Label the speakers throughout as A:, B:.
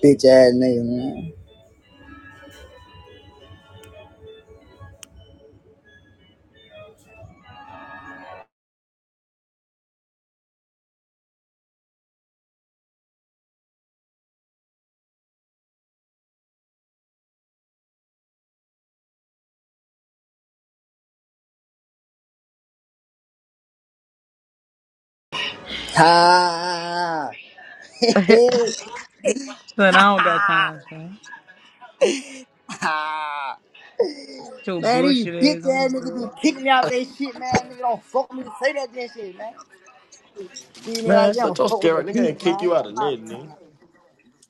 A: Bitch ass nigga, man. Ha!
B: Son, I don't got time, son.
A: ha!
B: Get your
A: Man, these
B: bullshit
A: bitch
B: ass on,
A: ass niggas
B: dude.
A: be kicking me out they shit, man. Nigga don't fuck with me to say that damn shit, man. These niggas like
C: Man,
A: they
C: shut
A: don't
C: your
A: fuck with the
C: scary nigga
A: people,
C: ain't kick
A: man.
C: you out of
A: I'm out
C: nothing,
A: of town.
C: nigga.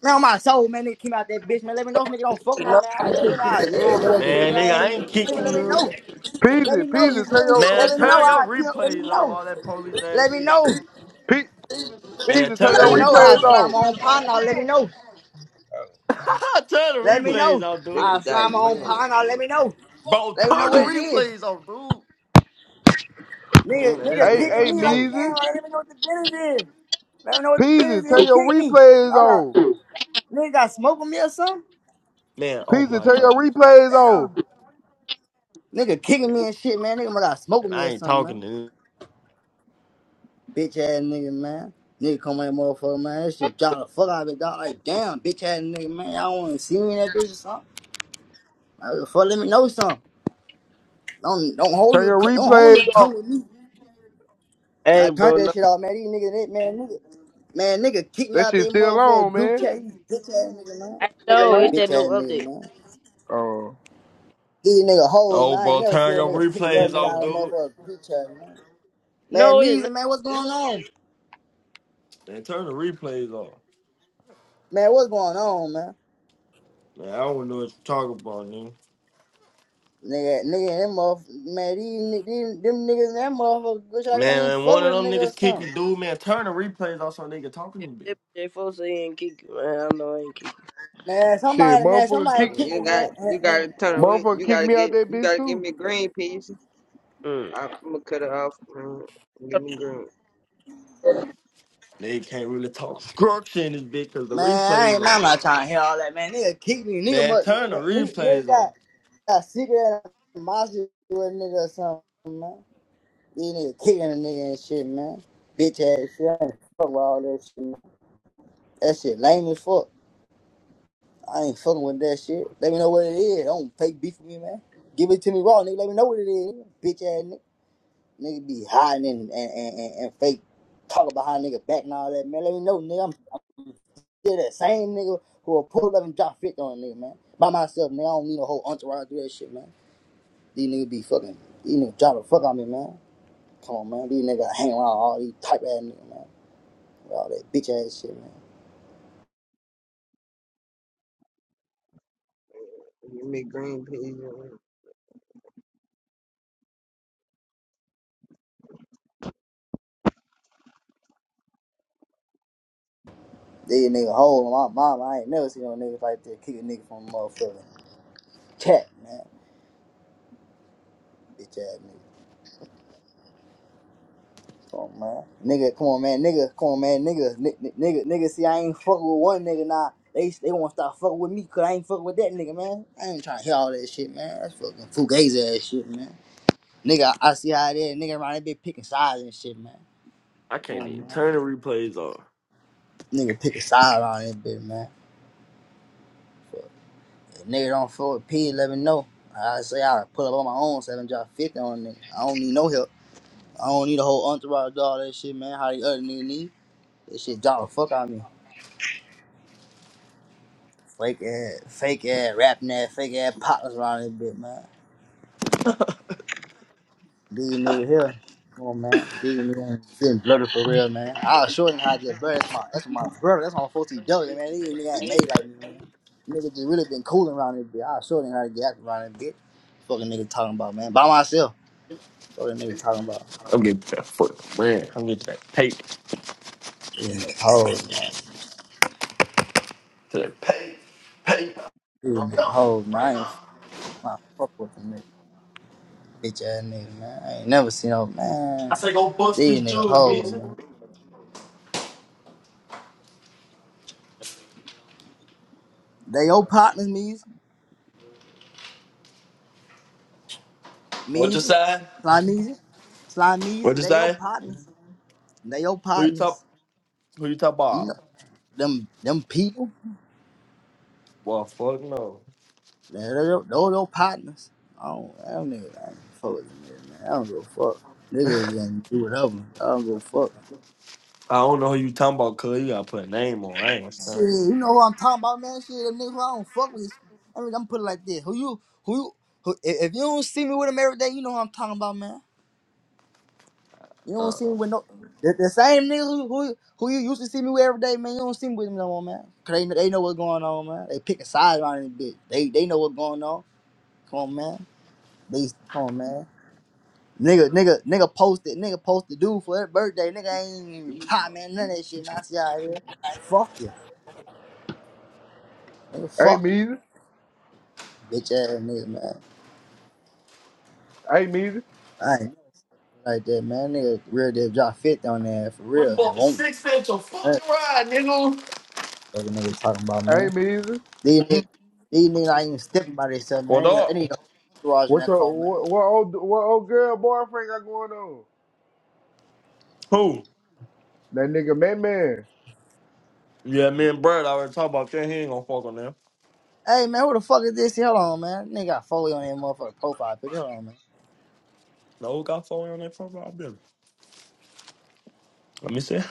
A: Man, on my soul, man, nigga came out that bitch, man. Let me know if nigga don't fuck with me, man. You feel me? Ah, yeah. You feel
C: Man,
A: me? I
C: nigga, I
A: ain't-
C: ain't
A: you feel
C: kick
A: me?
C: you,
A: Let me
C: nigga.
A: know. Let
D: Peasy,
A: me know. You
D: Peasy, turn
A: feel me?
D: your
A: Let
C: Man,
A: me
D: turn,
A: know.
C: turn your
A: I kill. Let me
C: replays off,
A: know.
C: all that police ass
A: Let me
C: shit.
A: know.
D: Pe-
C: Man,
D: Peasy, turn
C: turn the
A: Let
D: your
E: not
A: me
E: a
A: know. I
C: replays
D: replays
E: Soviet
C: off.
A: slime
D: on.
A: my
E: shit,
A: own partner. Let me
E: nigga.
A: know.
C: turn the
A: Let me
C: replays
A: know.
C: off, dude.
F: Fifty
A: I'll slide my
F: thousand,
A: own
F: man.
A: pond. I'll let me know.
E: Fuck
C: Bro,
A: Let me know
C: turn the
A: what it is.
C: replays off, dude.
A: Nigga,
C: Man, this
A: nigga
D: Hey,
C: man
A: kicking
C: try
D: hey,
C: to
A: me like,
C: joke.
A: damn,
D: Measy,
A: let me know what the business is. Let me know what the business
D: Peasy,
A: is. Who
D: turn your
A: kicked me?
D: replays
A: Y'all got,
D: on.
A: nigga got smoke with me or something?
C: Man, oh
D: Peasy,
C: my
D: turn your
C: god.
D: replays on.
A: Damn. Nigga kicking me and shit, man. Nigga must got smoke
C: And
A: with me
C: I
A: or
C: ain't
A: something,
C: talking
A: man.
C: to him.
A: Bitch ass nigga, man. Nigga come here, motherfucker, man. That shit drop the fuck out of it, dog. Like, damn, bitch ass nigga, man. Y'all wanna see me in that bitch or something? Like, fuck, let me know something. Don't don't hold
D: Turn
A: your
D: your
A: don't hold
D: replays
A: your
D: on.
A: tongue with me.
G: Hey,
A: I
G: bro,
A: turned
G: no,
A: that shit off, man. These niggas, they, man, nigga, man, nigga, kick me
D: That
A: out they
D: shit still
A: motherfucker
D: on,
A: group
D: man.
A: chat. You bitch ass nigga, man.
G: I no, it's that
A: Bitch
G: new
A: ass
G: update.
A: niggas, man.
D: Oh
A: These nigga hoes,
C: No,
A: man. I ain't
C: bro,
A: never seen
C: turn
A: a
C: your
A: nigga kick another
C: replays
A: nigga
C: off,
A: out of a
C: dude.
A: motherfucker group chat, man. Man,
G: no, it's not.
A: Meezy, man, what's going on?
C: Man, turn the replays off.
A: Man, what's going on, man?
C: Man, I don't know what you're talking about, nigga.
A: Nigga, nigga, them motherfuckers, man, these, ni- these, them niggas, and that motherfucker, bitch, I ain't
C: Man,
A: fuck
C: one of
A: with a
C: them
A: nigga or
C: niggas kick
A: something.
C: you, dude. Man, turn the replays off so they can talk to
G: If
C: me, bitch.
G: if they supposed to ain't kick you, man, I know I ain't kick
A: Man,
D: shit,
A: somebody, man,
D: motherfucker,
A: somebody
F: man,
D: kick,
A: kick me,
F: you
A: man.
F: got you
A: Uh,
F: got
A: uh.
F: to turn away.
D: motherfucker,
F: You
D: kick
F: gotta
D: me out
F: get
D: that
F: you
D: bitch
F: gotta give
D: too.
F: me a green piece.
G: you. Mm.
F: I, I'm gonna cut it off. Man. Give me green.
C: They can't really talk structure in this bitch because the
A: Man, I
C: replays
A: ain't, man, I'm
C: on.
A: not trying to hear all that, man. Nigga kick me, nigga,
C: Man,
A: must,
C: turn the
A: nigga, nigga
C: replays
A: got,
C: off.
A: got secret animosity with a nigga or something, man. These niggas kicking a nigga and shit, man. Bitch ass shit. I ain't fuck with all that shit, man. That shit lame as fuck. I ain't fucking with that shit. Let me know what it is. Don't fake beef with me, man. Give it to me raw, nigga. Let me know what it is. Bitch ass nigga. Nigga be hiding and, and, and, and, and fake talking behind nigga back and all that, man. Let me know, nigga. I'm still that same nigga who will pull up and drop 50 on a nigga, man. By myself, nigga. I don't need a whole entourage to do that shit, man. These niggas be fucking, these niggas drop the fuck on me, man. Come on, man. These niggas hang around all these type ass niggas, man. With all that bitch ass shit, man.
F: Give me green piece.
A: These niggas holding my mama. I ain't never seen no niggas like that kick a nigga from a motherfucking cat, man. Bitch ass nigga. Come on, man. Nigga, come on, man. Nigga, come on, man. Nigga, ni- ni- nigga, nigga. See, I ain't fucking with one nigga now. They they want to start fucking with me because I ain't fucking with that nigga, man. I ain't trying to hear all that shit, man. That's fucking fugazi ass shit, man. Nigga, I, I see how it is. Nigga around that bitch picking sides and shit, man.
C: I
A: Come
C: can't
A: on,
C: even
A: man.
C: turn the replays off.
A: Nigga picking sides around that bitch, man. If nigga don't fuck with P, let me know. I say I pull up on my own seven drop fifty on nigga. I don't need no help. I don't need a whole entourage do all that shit, man. How the other nigga need? This shit drop the fuck out of me. Fake ass, fake ass, rapping ass, fake ass partners around this bitch, man. These nigga here. Come on, man. These nigga getting blooded for real, man. I'll show them how to get blooded. That's my, that's my brother. That's my 14W, man. These nigga ain't made like me, man. Nigga just really been cooling around this bitch. I'll show them how to get around this bitch. Fucking nigga talking about, man. By myself. Fucking nigga talking about.
C: I'm getting to that foot, man. I'm getting to that paper.
A: Getting that whole, getting
C: To that paper.
A: that whole. Man, I ain't I fuck with them nigga, bitch ass niggas, man. I ain't never seen no man.
C: I say go bust this
A: These nigga
C: jewel,
A: hoes,
C: Visa.
A: man. They your partners, Meezy,
C: What you
A: Meezy,
C: say?
A: Slime Meezy, Slime
C: What
A: Meezy.
C: you
A: They your
C: say?
A: partners. They your
C: Who you
A: partners.
C: talk? Who you talk
A: You
C: about?
A: know them, them people.
C: Well, fuck no.
A: They they your, they your partners. I don't, I don't nigga, I ain't fuck with them niggas, man. I don't give a fuck. Niggas can do whatever. I don't give a fuck.
C: I don't know who you talking about, cuz you gotta put a name on. I ain't gonna
A: Shit,
C: stand.
A: you know who I'm talking about, man. Shit, them niggas who I don't fuck with. I mean, I'm put it like this. Who you, who you, who, if if you don't see me with them every day, you know who I'm talking about, man. You don't see me
C: Uh-uh.
A: with no, the, the same niggas who, who, who you used to see me with every day, man. You don't see me with them no more, man. Cause they, they know what's going on, man. They pick a side on this bitch. They, they know what's going on. Come on, man. They, come on, man. Nigga, nigga, nigga posted, nigga posted dude for his birthday. Nigga ain't even reply, man. None of that shit, man. I see how it is. Fuck you. Nigga,
D: Hey,
A: fuck you.
D: Measy,
A: Bitch ass nigga, man.
D: hey, Measy,
A: I ain't like that, man. Nigga, real deal drop 50 on there for real and won't. Man, what the nigga talking about,
D: hey,
A: man.
D: Measy.
A: These niggas, these niggas not even stepping by themselves,
C: What
A: man. They need, they
C: up?
A: need a whole entourage in
D: What
A: that
D: your
A: car, man.
D: what, what old what old girl boyfriend got going on?
C: Who?
D: That nigga, man, man.
C: Yeah, me and Brad already talked about that. He ain't gonna fuck on them.
A: Hey, man, who the fuck is this? Hold on, man. Nigga got Foley on that motherfucking profile picture. Hold on, man.
C: No, who got four on that profile, Billy? Let me see.